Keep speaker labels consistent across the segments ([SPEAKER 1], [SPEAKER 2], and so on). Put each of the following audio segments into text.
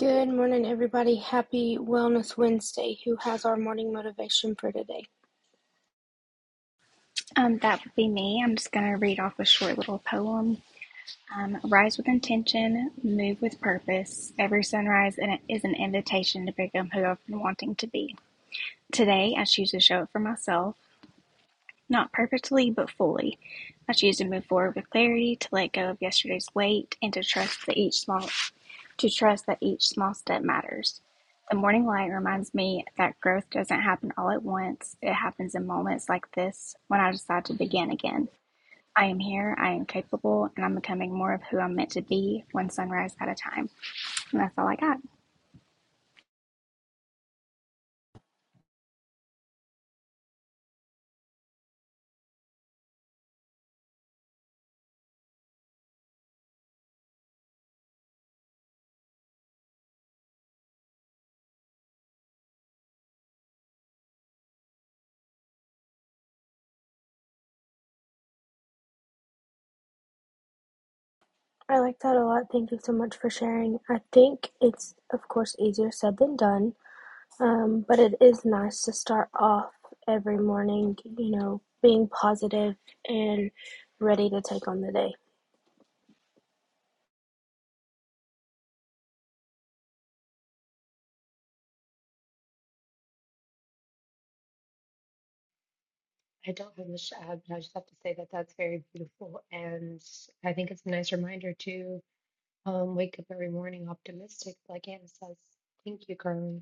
[SPEAKER 1] Good morning, everybody. Happy Wellness Wednesday. Who has our morning motivation for today?
[SPEAKER 2] Um, that would be me. I'm just going to read off a short little poem. Um, Rise with intention, move with purpose. Every sunrise is an invitation to become who I've been wanting to be. Today, I choose to show up for myself, not perfectly, but fully. I choose to move forward with clarity, to let go of yesterday's weight, and to trust that each small to trust that each small step matters. The morning light reminds me that growth doesn't happen all at once. It happens in moments like this when I decide to begin again. I am here, I am capable, and I'm becoming more of who I'm meant to be one sunrise at a time. And that's all I got.
[SPEAKER 1] I like that a lot. Thank you so much for sharing. I think it's, of course, easier said than done, um, but it is nice to start off every morning, you know, being positive and ready to take on the day.
[SPEAKER 3] I don't have much to add, but I just have to say that that's very beautiful. And I think it's a nice reminder to um, wake up every morning optimistic, like Anna says. Thank you, Carly.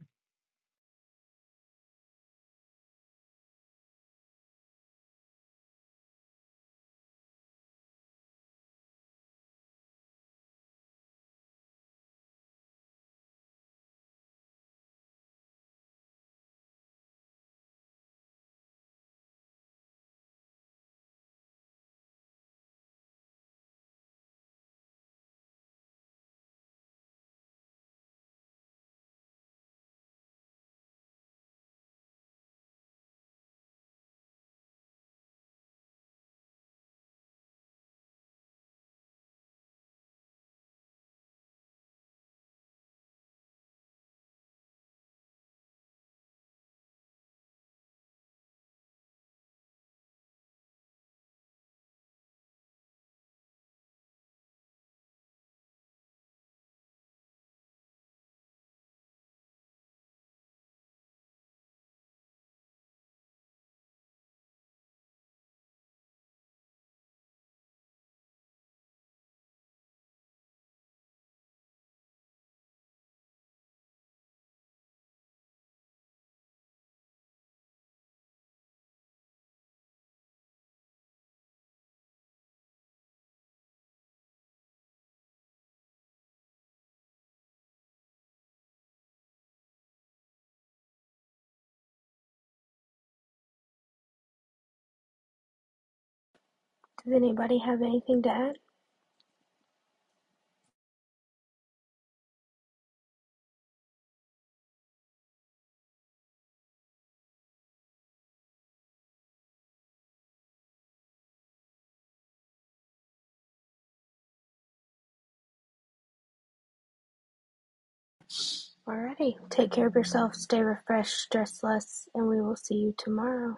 [SPEAKER 1] Does anybody have anything to add? Alrighty. Take care of yourself, stay refreshed, stress less, and we will see you tomorrow.